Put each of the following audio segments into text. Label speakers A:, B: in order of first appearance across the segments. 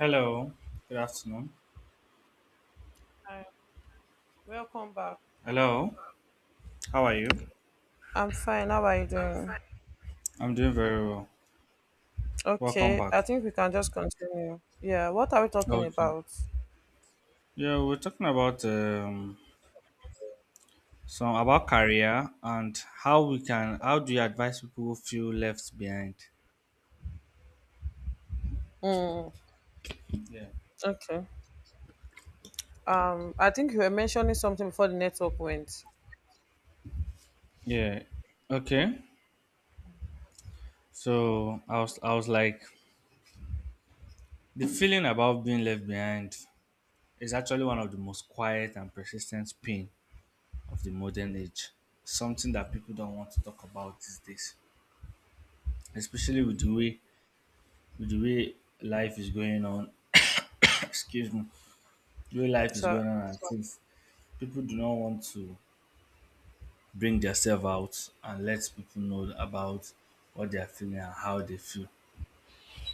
A: Hello, good afternoon.
B: Hi, welcome back.
A: Hello, how are you?
B: I'm fine. How are you doing?
A: I'm doing very well. Welcome
B: Okay,
A: back.
B: I think we can just continue. Yeah, what are we talking
A: Okay.
B: about?
A: Yeah, we're talking about some about career and how we can how do you advise people who feel left behind?
B: Mm,
A: Yeah.
B: okay. I think you were mentioning something before the network went.
A: Yeah. Okay. So I was like the feeling about being left behind is actually one of the most quiet and persistent pain of the modern age. Something that people don't want to talk about these days. Especially with the way life is going on, excuse me, the way life is
B: So,
A: going on, and things, people do not want to bring themselves out and let people know about what they are feeling and how they feel.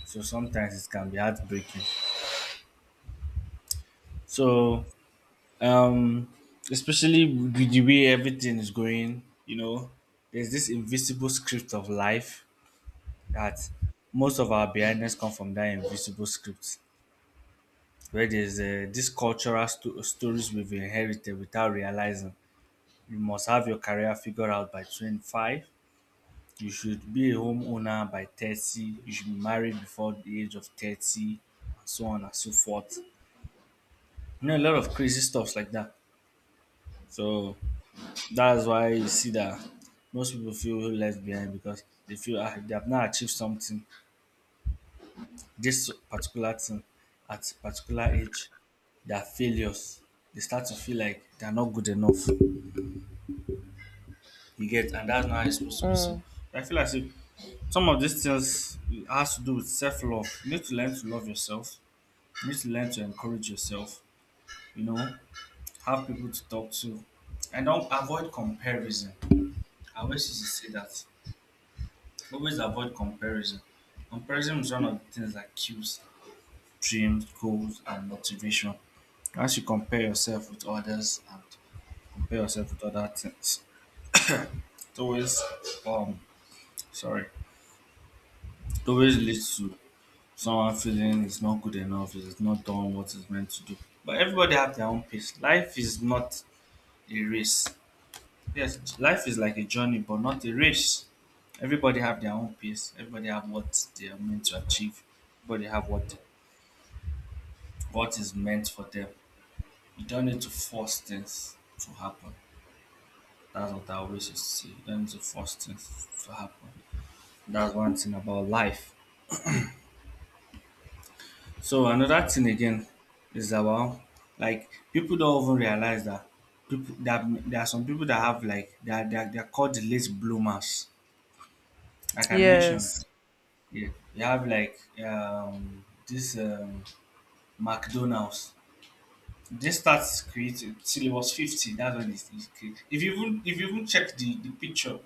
A: So sometimes it can be heartbreaking. So, um, Especially with the way everything is going, you know, there's this invisible script of life that most of our blindness come from that invisible script, where there's this cultural stories we've inherited without realizing. You must have your career figured out by 25. You should be a homeowner by 30. You should be married before the age of 30, and so on and so forth. You know, a lot of crazy stuffs like that. So that's why you see that most people feel left behind because they feel ah, they have not achieved something, this particular thing at a particular age, they are failures. They start to feel like they're not good enough. You get, and that's not how it's supposed to be. So
B: mm,
A: I feel like say, some of these things has to do with self love. You need to learn to love yourself. You need to learn to encourage yourself. You know, have people to talk to, and don't avoid comparison. I always used to say that. Always avoid comparison. Comparison is one of the things that kills dreams, goals, and motivation. Once you compare yourself with others and compare yourself with other things, it always um sorry, it always leads to some accident is not good enough, it is not done what it's meant to do. But everybody have their own pace. Life is not a race. Yes, life is like a journey, but not a race. Everybody have their own pace. Everybody have what they are meant to achieve. Everybody have what is meant for them. You don't need to force things to happen. That's what I always used to say. You don't need to force things to happen. That's one thing about life. So another thing again is about like people don't even realize that people that there are some people that have like they're called the late bloomers. Like I mentioned,
B: yes,
A: yeah, you have like this McDonald's. They start creating till it was 50. That's when it created. If you even check the picture,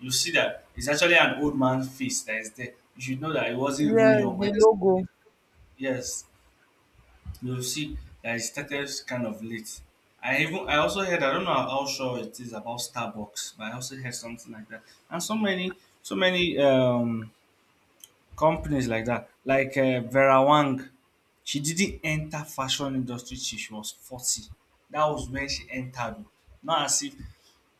A: you see that it's actually an old man's face that is there. You should know that it wasn't even
B: yes,
A: young
B: the
A: when
B: logo.
A: yes, you'll see that it started kind of late. I even I also heard I don't know how sure it is about Starbucks, but I also heard something like that. And so many companies like that, like Vera Wang, she didn't enter fashion industry till she was 40. That was when she entered. Oh. Not as if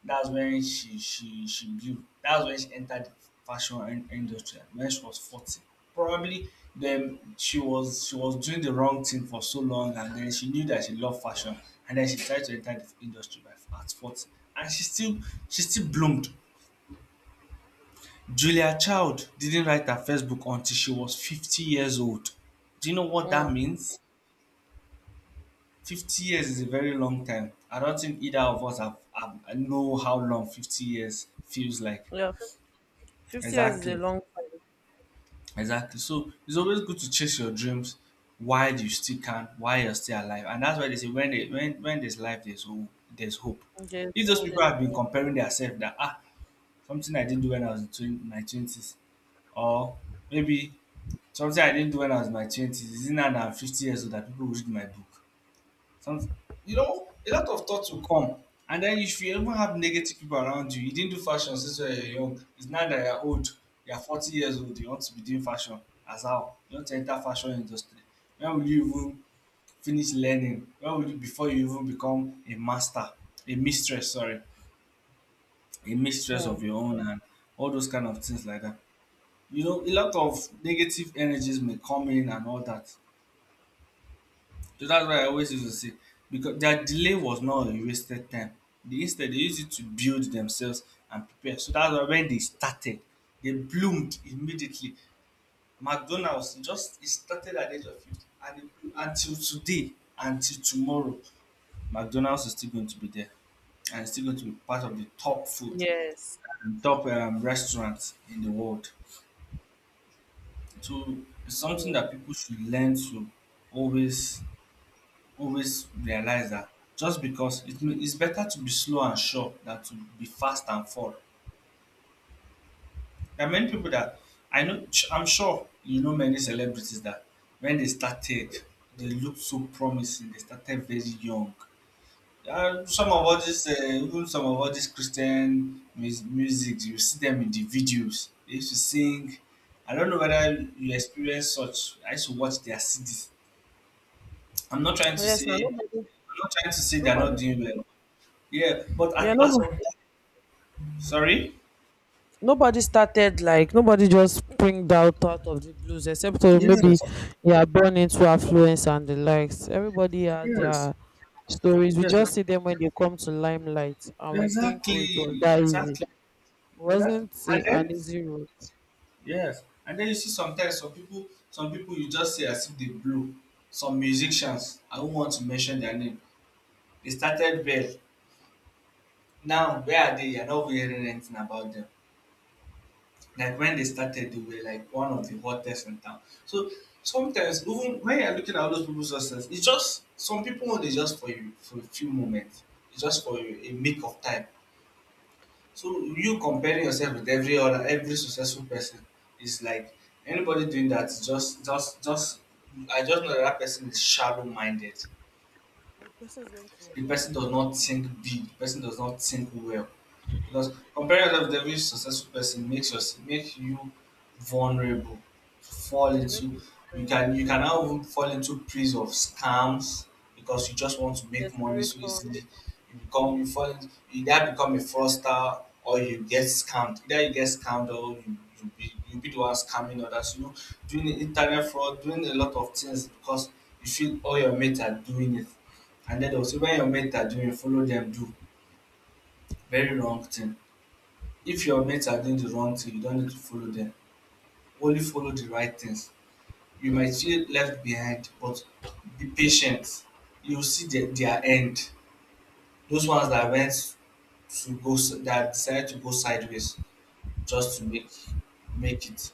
A: that's when she blew. That's when she entered the industry when she was 40. Probably then she was doing the wrong thing for so long, and then she knew that she loved fashion, and then she tried to enter the industry by at 40, and she still bloomed. Julia Child didn't write her first book until she was 50 years old. Do you know what that
B: Mm,
A: means? 50 years is a very long time. I don't think either of us have know how long 50 years feels like.
B: yeah, 50 years is a
A: Exactly.
B: long time.
A: Exactly. So it's always good to chase your dreams while you still can, while you're still alive. And that's why they say when they, when there's life, there's hope. There's hope.
B: Yes.
A: If those
B: So,
A: people have been comparing themselves that ah something I didn't do when I was in my twenties, or maybe something I didn't do when I was in my twenties, isn't that I'm 50 years old that people will read my book. Some, you know, a lot of thoughts will come. And then if you even have negative people around you, you didn't do fashion since you are young. It's now that you're old. You're 40 years old. You want to be doing fashion. As how? You want to enter fashion industry. When will you even finish learning? When will you, before you even become a a mistress, sorry, a mistress of
B: mm,
A: your own and all those kind of things like that. You know, a lot of negative energies may come in and all that. So that's why I always used to say because their delay was not a wasted time. They instead they used it to build themselves and prepare. So that's why when they started, they bloomed immediately. McDonald's just it started at the age of 50 and it blew until today, until tomorrow, McDonald's is still going to be there and it's still going to be part of the top food,
B: yes.
A: and top restaurants in the world. So it's something
B: Mm.
A: that people should learn to always always realize that just because it's better to be slow and sure than to be fast and fall. There are many people that I know, I'm sure you know many celebrities that when they started, they looked so promising. They started very young. And some of all this, even some of all this Christian music, you see them in the videos. They used to sing. I don't know whether you experience such. I used to watch their CDs. I'm not trying to
B: Yes. Now
A: say
B: nobody,
A: I'm not trying to say they're not
B: nobody.
A: doing well. Yeah, but
B: Yeah,
A: at, as of
B: nobody.
A: sorry,
B: Nobody started like nobody just springed out of the blues except maybe
A: yes,
B: you are born into affluence and the likes. Everybody had their
A: yes,
B: stories. We
A: yes,
B: just see them when they come to limelight and we think, oh, it was
A: exactly,
B: that easy.
A: exactly,
B: It
A: exactly.
B: wasn't
A: And
B: an
A: then,
B: easy road.
A: yes, and then you see sometimes some people you just see as if they blew. Some musicians, I won't want to mention their name. They started well. Now where are they? You're not hearing anything about them, like when they started, they were like one of the hottest in town. So sometimes, even when you're looking at all those people's success, it's just some people want it just for you for a few moments, it's just for you a make of time. So you comparing yourself with every successful person is like anybody doing that is just just I just know that, that person is shallow minded.
B: The person is going to
A: The person does not think big. The person does not think well. Because comparing yourself with every successful person makes us make you vulnerable to fall
B: you
A: into
B: make you
A: you can you
B: depressed
A: can now even fall into prison of scams because you just want to make money so
B: desperation.
A: easily. You become you
B: Mm.
A: fall into, you either become a fraudster or you get scammed. Either you get scammed or you be the one scamming others. You know, doing internet fraud, doing a lot of things because you feel all your mates are doing it. And then also when your mates are doing, you follow them do very wrong thing. If your mates are doing the wrong thing, you don't need to follow them. Only follow the right things. You might feel left behind, but be patient. You'll see their end. Those ones that went to that decided to go sideways just to make it.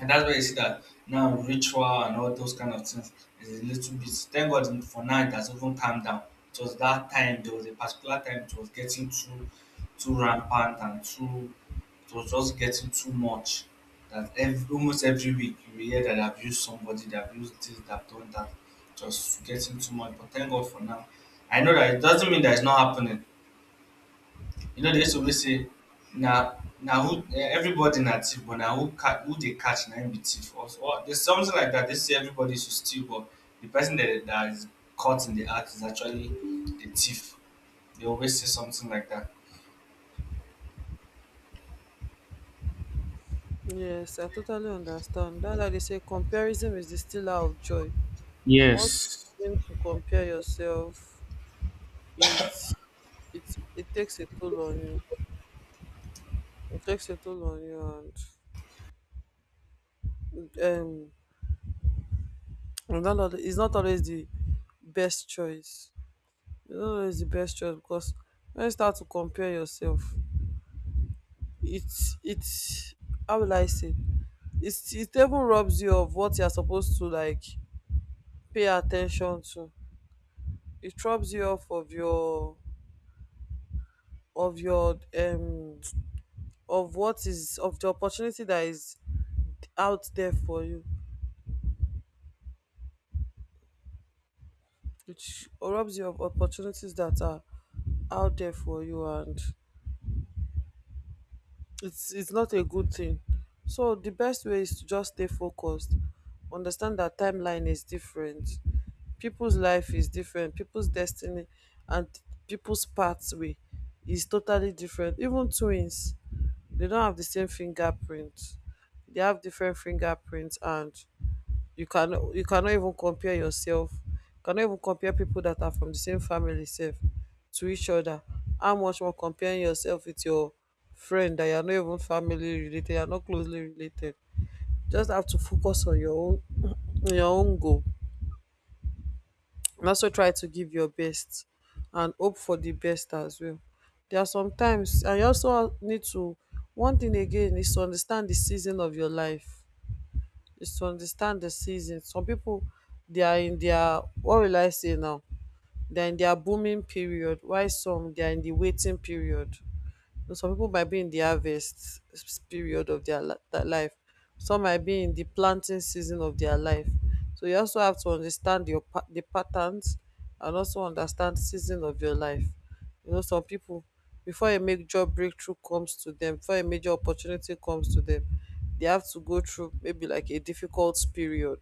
A: And that's why you see that now ritual and all those kind of things is a little bit. Thank God for now it has even calmed down. It was that time there was a particular time it was getting too rampant and too it was just getting too much. That every almost every week you will hear that I've used somebody, that I've used this, that I've done that. Just getting too much. But thank God for now. I know that it doesn't mean that it's not happening. You know, they used to always say, now who eh, everybody na thief, but now who who they catch na him be thief. Or there's something like that. They say everybody should steal, but the person that is caught in the act is actually the thief. They always say something like that.
B: Yes, I totally understand. That's why they say comparison is the stealer of joy. Once you
A: Yes.
B: begin to compare yourself, it it takes a toll on you. It takes a toll on you, and not al- it's not always the best choice. It's not always the best choice because when you start to compare yourself, it's how will I say? It even robs you of what you're supposed to like pay attention to. It robs you off of your of your um of what is of the opportunity that is out there for you, which robs you of opportunities that are out there for you, and it's not a good thing. So the best way is to just stay focused, understand that timeline is different, people's life is different, people's destiny and people's pathway is totally different. Even twins, they don't have the same fingerprint, they have different fingerprints, and you cannot even compare yourself. You cannot even compare people that are from the same family sef to each other. How much more comparing yourself with your friend that you are not even family related, you are not closely related. Just have to focus on your own on your own goal, and also try to give your best and hope for the best as well. There are sometimes and you also need to, one thing again is to understand the season of your life, is to understand the season. Some pipu, they are in their what will I say now, they are in their booming period, while some they are in the waiting period. Some people might be in the harvest period of their their life. Some might be in the planting season of their life. So you also have to understand the patterns, and also understand season of your life. You know, some people before a major breakthrough comes to them, before a major opportunity comes to them, they have to go through maybe like a difficult period.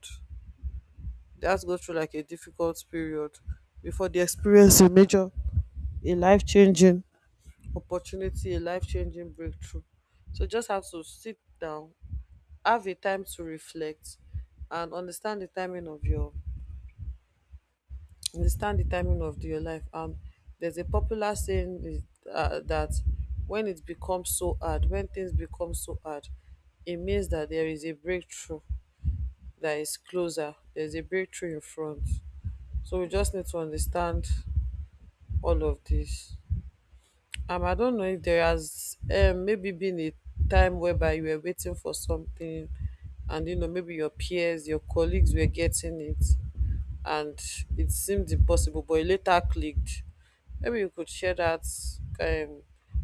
B: They have to go through like a difficult period before they experience a major, a life changing opportunity, a life changing breakthrough. So just have to sit down, have a time to reflect, and understand the timing of your life. And there's a popular saying is, that when it becomes so hard, when things become so hard, it means that there is a breakthrough that is closer. There's a breakthrough in front. So we just need to understand all of this. I don't know if there has maybe been a time whereby you were waiting for something, and maybe your peers, your colleagues were getting it, and it seemed impossible but it later clicked. Maybe you could share that, um,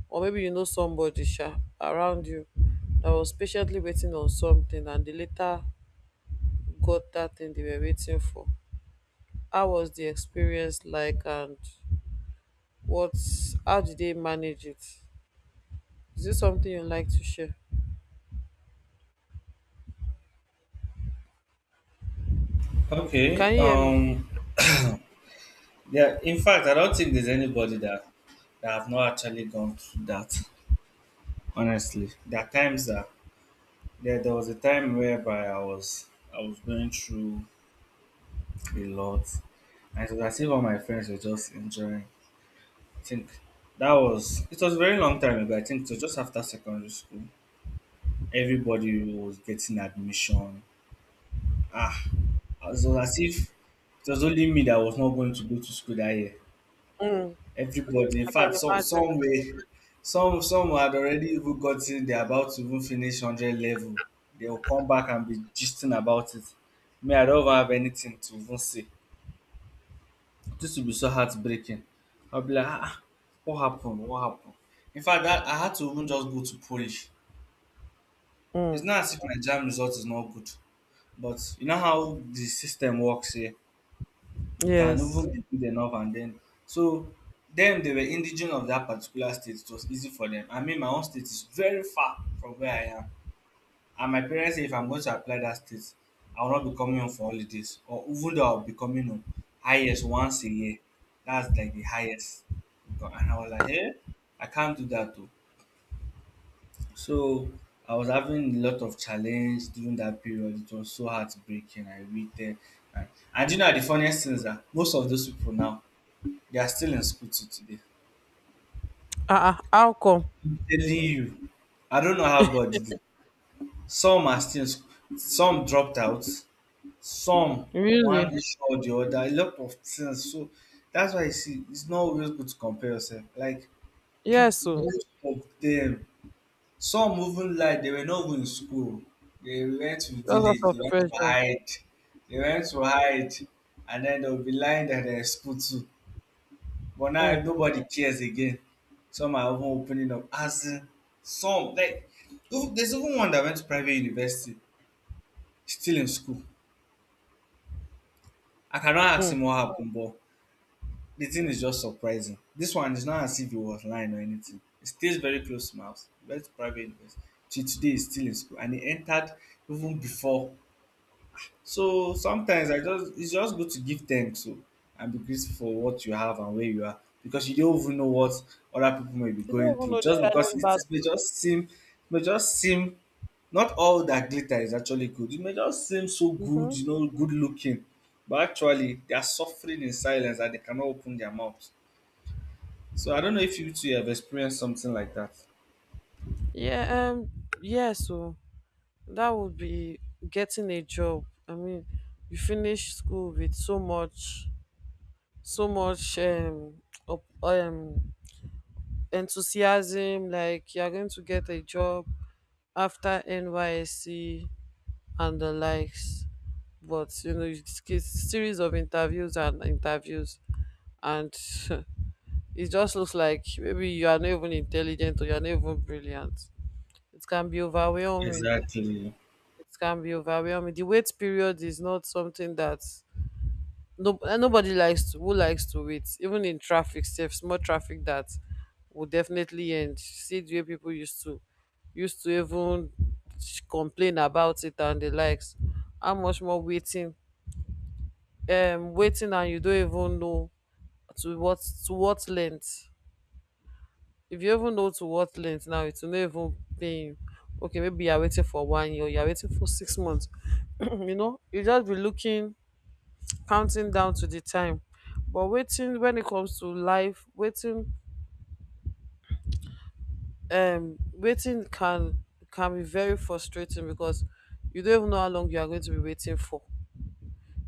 B: or maybe you know somebody around you that was patiently waiting on something and they later got that thing they were waiting for. How was the experience like, and what how did they manage it? Is this something you like to share?
A: Okay.
B: Can you hear me?
A: Um, yeah, in fact, I don't think there's anybody that that have not actually gone through that. Honestly, there are times that there was a time whereby I was going through a lot, and it was as if all my friends were just enjoying. I think that was it was a very long time ago. I think it was just after secondary school. Everybody was getting admission. Ah, it was as if it was only me that was not going to go to school that year.
B: Mm,
A: Everybody, in
B: I can
A: fact, some
B: imagine.
A: some way, some had already even gotten. They're about to even finish hundred level. They will come back and be gisting about it. Me, I don't even have anything to even say. This will be so heartbreaking. I'll be like, ah, ah, what happened? What happened? In fact, that, I had to even just go to Polish. It's
B: Mm,
A: not as if my jam result is not good, but you know how the system works here. You can
B: yes.
A: even be good enough and then so them they were indigenous of that particular state. It was easy for them. I mean my own state is very far from where I am. And my parents say if I'm going to apply that state, I will not be coming home for holidays. Or even though I'll be coming home highest once a year. That's like the highest. Because- and I was like, hey, I can't do that too. So I was having a lot of challenge during that period. It was so heartbreaking. I waited. And, and do you know the funniest things are most of those people now they are still in school till today.
B: Ah. How come?
A: I'm telling you, I don't know how God did it. Some are still in school. Some dropped out. Some one
B: Really?
A: issue or the other. A lot of things. So that's why you see, it's not always good to compare yourself. Like people,
B: Yes, so
A: most of them, some even like they were not even in school. They went to
B: that's lots
A: village. They
B: of
A: went to
B: pressure.
A: hide. They went to hide, and then they'll be lying that they're in school too. But now
B: Mm,
A: nobody cares again. Some are even opening up. As in, some like even- there's even one that went to private university, still in school. I cannot ask
B: mm.
A: him what happened, but the thing is just surprising. This one is not as if he was lying or anything. He stays very close to my house. He went to private university. Till today, he's still in school, and he entered even before. So sometimes I just it's just good to give thanks to, and be grateful for what you have and where you are because you don't even know what other people may be
B: You don't
A: going
B: even
A: through.
B: know the
A: Just because
B: silent
A: it
B: battle.
A: may just seem not all that glitter is actually good. It may just seem so good,
B: Mm-hmm.
A: you know, good looking, but actually they are suffering in silence and they cannot open their mouth. So I don't know if you two have experienced something like that.
B: Yeah, yeah, so that would be getting a job. I mean, you finish school with so much, up, um enthusiasm, like you're going to get a job after NYSC and the likes. But it's series of interviews and interviews, and it just looks like maybe you are not even intelligent or you are not even brilliant. It can be overwhelming.
A: Exactly.
B: It can be overwhelming. The wait period is not something that no eh, nobody likes to who likes to wait even in traffic, safe small traffic that will definitely end. See the way people used to even complain about it and the likes. How much more waiting, waiting, and you don't even know to what to what length. If you even know to what length now, it will not even pay you. Okay, maybe you're waiting for one year, you're waiting for 6 months, you just be looking, counting down to the time. But waiting, when it comes to life, waiting, waiting can be very frustrating because you don't even know how long you are going to be waiting for.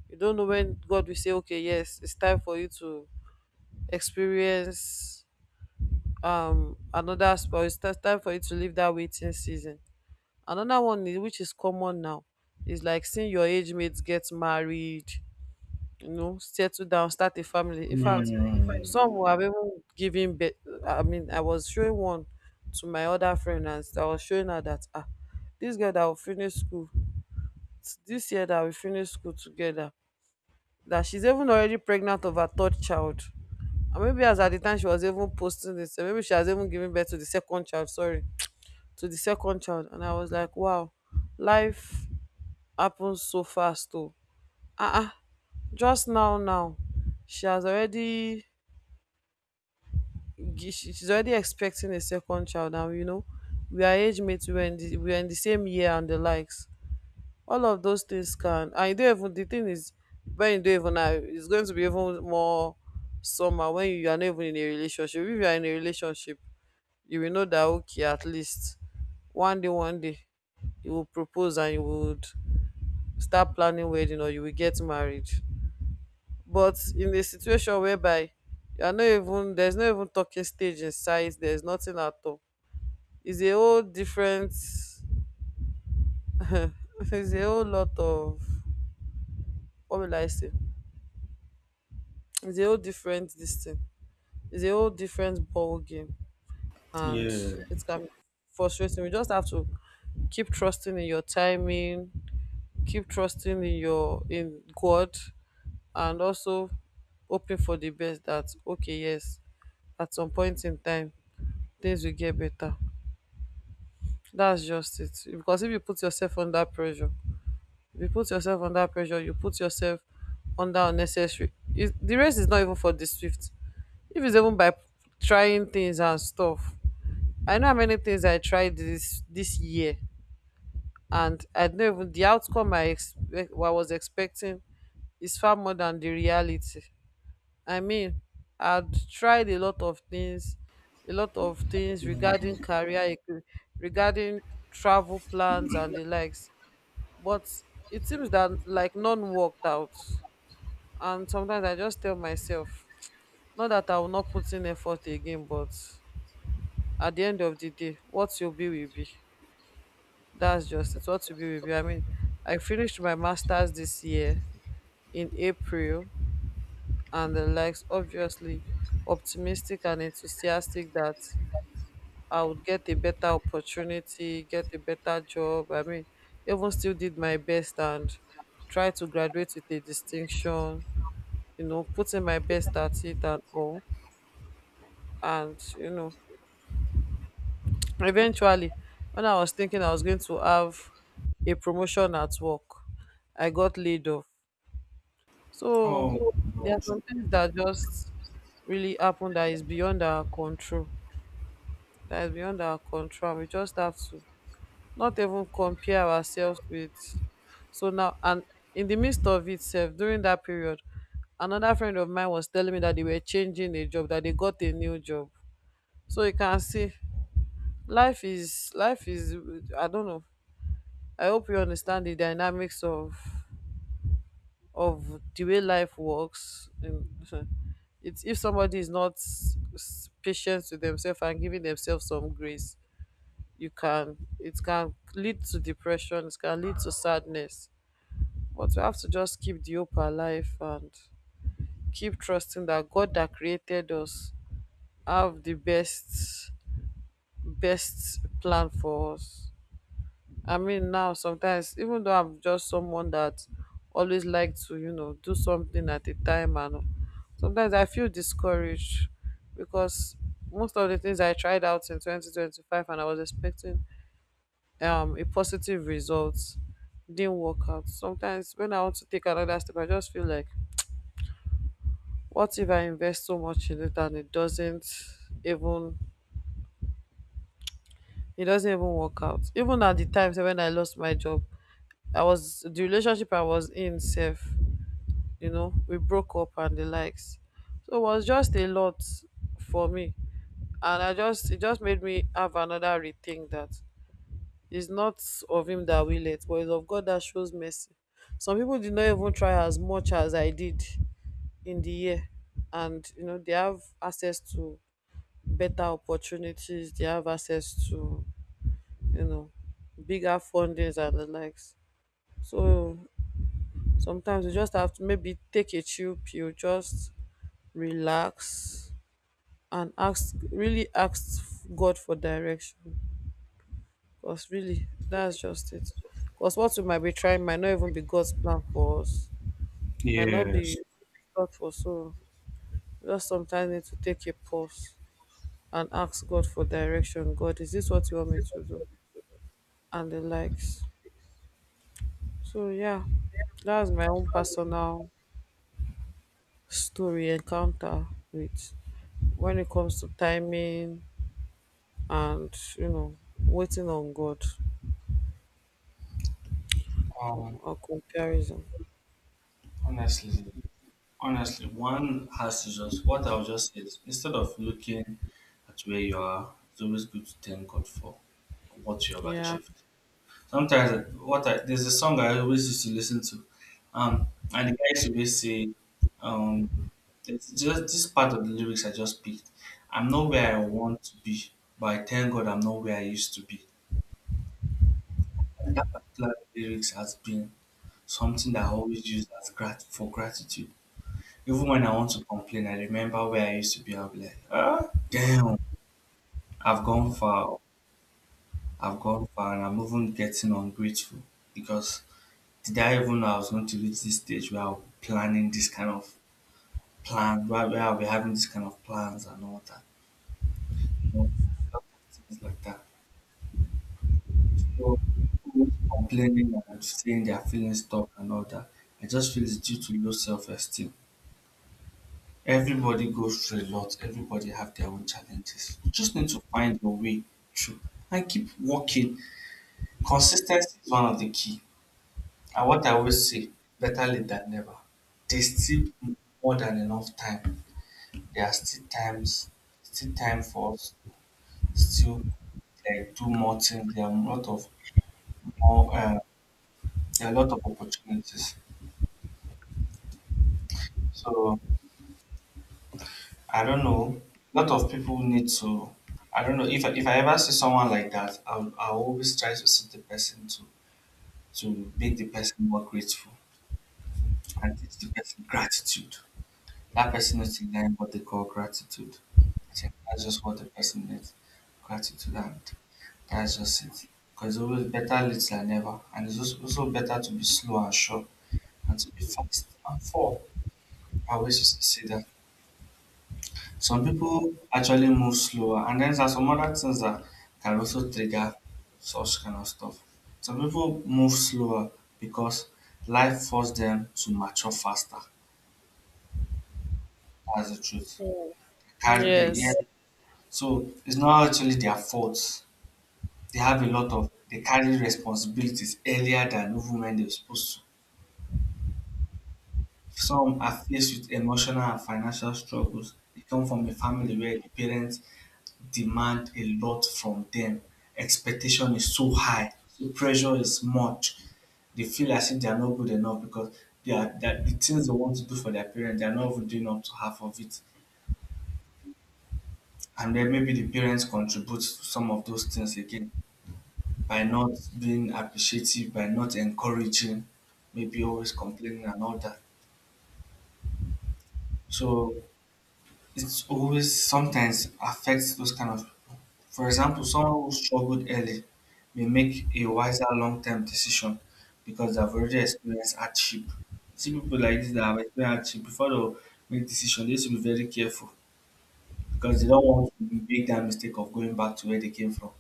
B: You don't know when God will say okay, yes, it's time for you to experience, another spoil, time for you to leave that waiting season. Another one is, which is common now, is like seeing your age mates get married, settle down, start a family. In fact,
A: Hmm.
B: some will have even given birth. I mean, I was showing one to my other friend, and I was showing her that, this girl that will finish school this year, that we finish school together, that she's even already pregnant of her third child. And maybe as at the time she was even posting this, maybe she has even given birth to the second child, sorry, to the second child. And I was like, wow, life happens so fast though. Uh-uh. Just now she has already she's already expecting a second child. And we are age mates, we are in the same year and the likes. All of those things can, and you don't even, the thing is, when you don't even now it's going to be even more summer when you are not even in a relationship. If you are in a relationship, you will know that okay, at least one day, one day you will propose, and you would start planning wedding, or you will get married. But in a situation whereby you are not even, there's no even talking stage inside, there's nothing at all, it's a whole different it's a whole lot of, what will I say, it's a whole different this thing, it's a whole different ball game. And
A: Yeah.
B: it can be frustrating. You just have to keep trusting in your timing, keep trusting in God, and also hoping for the best, that okay, yes, at some point in time, things will get better. That's just it. Because if you put yourself under pressure, if you put yourself under pressure, you put yourself under unnecessary. It, the race is not even for the swift. If it's even by trying things and stuff, I know how many things I tried this year, and I know even the outcome I expect, what I was expecting is far more than the reality. I mean, I'd tried a lot of things, a lot of things regarding career, regarding travel plans and the likes. But it seems that like none worked out. And sometimes I just tell myself, not that I will not put in effort again, but at the end of the day, what you'll be will be. That's just it. What you'll be will be. I mean, I finished my master's this year in April and the likes, obviously optimistic and enthusiastic that I would get a better opportunity, get a better job. I mean, even still did my best and try to graduate with a distinction, you know, putting my best at it and all. And, eventually, when I was thinking I was going to have a promotion at work, I got laid off. So
A: Oh my
B: there are
A: God.
B: some things that just really happen that is beyond our control. That is beyond our control. We just have to not even compare ourselves with. So now, and in the midst of itself, during that period, another friend of mine was telling me that they were changing a job, that they got a new job. So you can see, life is, life is. I don't know. I hope you understand the dynamics of the way life works. And it's if somebody is not patient with themselves and giving themselves some grace, you can it can lead to depression, it can lead to sadness. But we have to just keep the hope alive, and keep trusting that God that created us have the best, best plan for us. I mean, now sometimes, even though I'm just someone that always like to, do something at a time, and sometimes I feel discouraged because most of the things I tried out in 2025 and I was expecting a positive result didn't work out. Sometimes when I want to take another step, I just feel like, what if I invest so much in it and even it doesn't even work out? Even at the times when I lost my job, I was the relationship I was in safe, you know, we broke up and the likes. So it was just a lot for me. And I just it just made me have another rethink that it's not of him that will it, but it's of God that shows mercy. Some people did not even try as much as I did in the year, and they have access to better opportunities. They have access to, you know bigger fundings and the likes. So sometimes you just have to maybe take a chill pill, just relax and ask, really ask God for direction. Because really, that's just it. Because what we might be trying might not even be God's plan for us, might not be
A: Yes.
B: thought for. So we just sometimes need to take a pause and ask God for direction. God, is this what you want me to do? And the likes. So yeah, that's my own personal story encounter with when it comes to timing, and you know waiting on God, or comparison.
A: Honestly, honestly, one has to just what I'll just say is instead of looking at where you are, it's always good to thank God for what you have
B: Yeah.
A: achieved. Sometimes what I there's a song I always used to listen to, um, and the guys always say, um, it's just this part of the lyrics I just picked. I'm not where I want to be, but I thank God I'm not where I used to be. That particular lyrics has been something that I always use as grat for gratitude. Even when I want to complain, I remember where I used to be. I'll be like, ah, damn, I've gone far. I've gone far, and I'm even getting ungrateful because did I even know I was going to reach this stage where I'll be planning this kind of plan, where I'll be having this kind of plans and all that? You know, a lot of things like that. So, people always complaining and saying their feeling stuck and all that. I just feel it's due to low self esteem. Everybody goes through a lot. Everybody have their own challenges. You just need to find your way through and keep working. Consistency is one of the key. And what I always say, better late than never. There's still more than enough time. There are still times, still time for us. Still, like do more things. There are a lot of more. There are a lot of opportunities. So I don't know. A lot of people need to. I don't know if I ever see someone like that, I'll always try to see the person to make the person more grateful and teach the person gratitude. That person needs to learn what they call gratitude. I think that's just what the person needs, gratitude, and that's just it. Because it's always better late than never, and it's also also better to be slow and sure, and to be fast and fall. I always used to say that. Some people actually move slower, and then there are some other things that can also trigger such kind of stuff. Some people move slower because life forced them to mature faster. That's the truth. Carry they, yeah.
B: Yes.
A: So it's not actually their fault. They have a lot of they carry responsibilities earlier than even when they're supposed to. Some are faced with emotional and financial struggles. They come from a family where the parents demand a lot from them. Expectation is so high, the pressure is much. They feel as if they are not good enough because they are that the things they want to do for their parents, they are not even doing up to half of it. And then maybe the parents contribute to some of those things again by not being appreciative, by not encouraging, maybe always complaining and all that. So it's always sometimes affects those kind of. For example, someone who struggled early may make a wiser long term decision because they've already experienced hardship. See people like this that have experienced hardship before they make decision, they should be very careful because they don't want to make that mistake of going back to where they came from.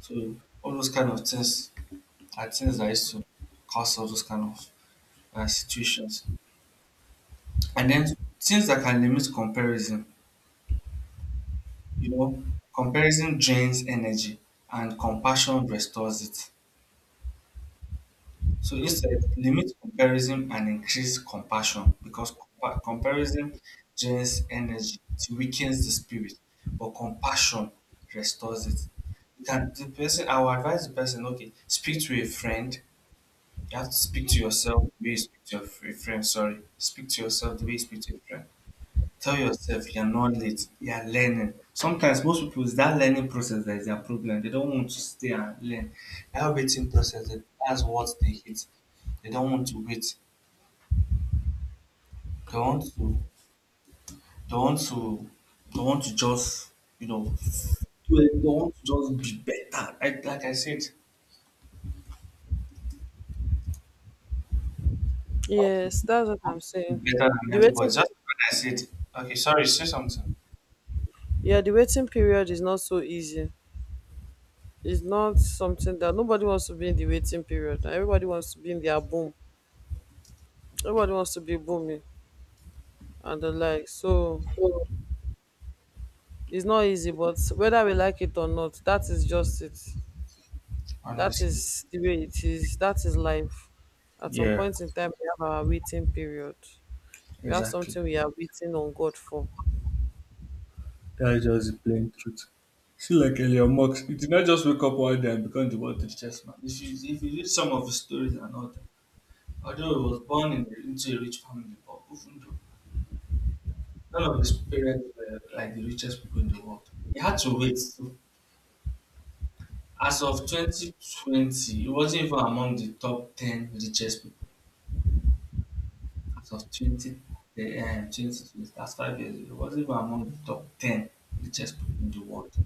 A: So all those kind of things are things that used to cause all those kind of situations. And then things that can limit comparison, you know, comparison drains energy and compassion restores it. So you said limit comparison and increase compassion because compa- comparison drains energy, it weakens the spirit, but compassion restores it. You can the person I will advise the person, okay, speak to a friend. You have to speak to yourself the way you speak to your fr- friend, sorry. Speak to yourself the way you speak to a friend. Tell yourself you're not late, you're learning. Sometimes most people is that learning process that is their problem. They don't want to stay and learn. That waiting process that- that's what they hate. They don't want to wait. They want to they want to they want to just you know do it. They want to just be better. Like I said, they want to
B: Yes,
A: be they
B: that's what
A: want
B: I'm
A: to
B: saying.
A: be better than
B: The
A: everybody.
B: waiting,
A: Just when I said okay, sorry, say something.
B: yeah, the waiting period is not so easy. It's not something that, nobody wants to be in the waiting period. Everybody wants to be in their boom. Everybody wants to be booming and the like. So it's not easy, but whether we like it or not, that is just it. That
A: Honestly.
B: is the way it is. That is life. At some
A: Yeah,
B: point in time, we have our waiting period. We have
A: exactly.
B: something we are waiting on God for.
A: That's just the plain truth. See, like Elon Musk, he did not just wake up one day and become the world's richest man. If you read some of his stories and all that, although he was born in, into a rich family, but even though none of his parents were like the richest people in the world, he had to wait. So as of 2020, he wasn't even among the top 10 richest people. As of 20, the, 2020, that's 5 years ago, he wasn't even among the top 10 richest people in the world.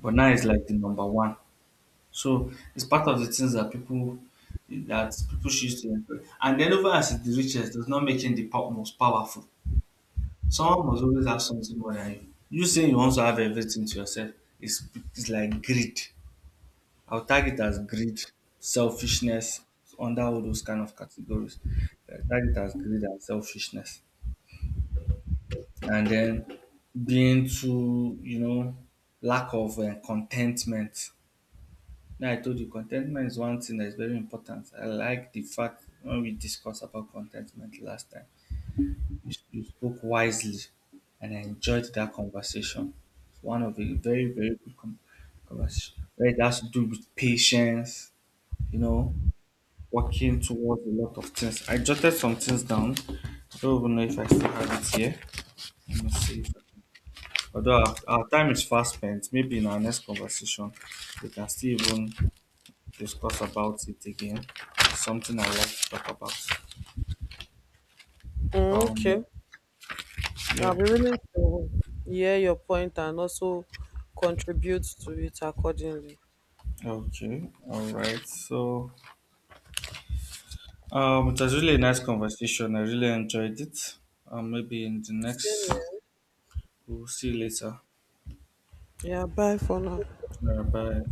A: But now he's like the number one. So it's part of the things that people choose to enjoy. And then over as the richest does not make him the po- most powerful. Someone must always have something more than you. You saying you want to have everything to yourself is it's like greed. I'll tag it as greed, selfishness, under all those kind of categories. I tag it as greed and selfishness. And then being too, you know, lack of contentment. Now I told you contentment is one thing that is very important. I like the fact when we discussed about contentment last time, you, you spoke wisely, and I enjoyed that conversation. It's one of the very very good com- conversation. Where it has to do with patience, you know, working towards a lot of things. I jotted some things down. I don't even know if I still have it here. Let me see. If, I- although our time is fast spent, maybe in our next conversation we can still even discuss about it again. Something I like to talk about.
B: Mm,
A: Um,
B: okay.
A: yeah.
B: I'll be willing to hear your point and also contribute to it accordingly.
A: Okay. All right. So, it was really a nice conversation. I really enjoyed it. Maybe in the
B: Same
A: next,
B: here.
A: we'll see you later.
B: Yeah, bye for now.
A: Bye.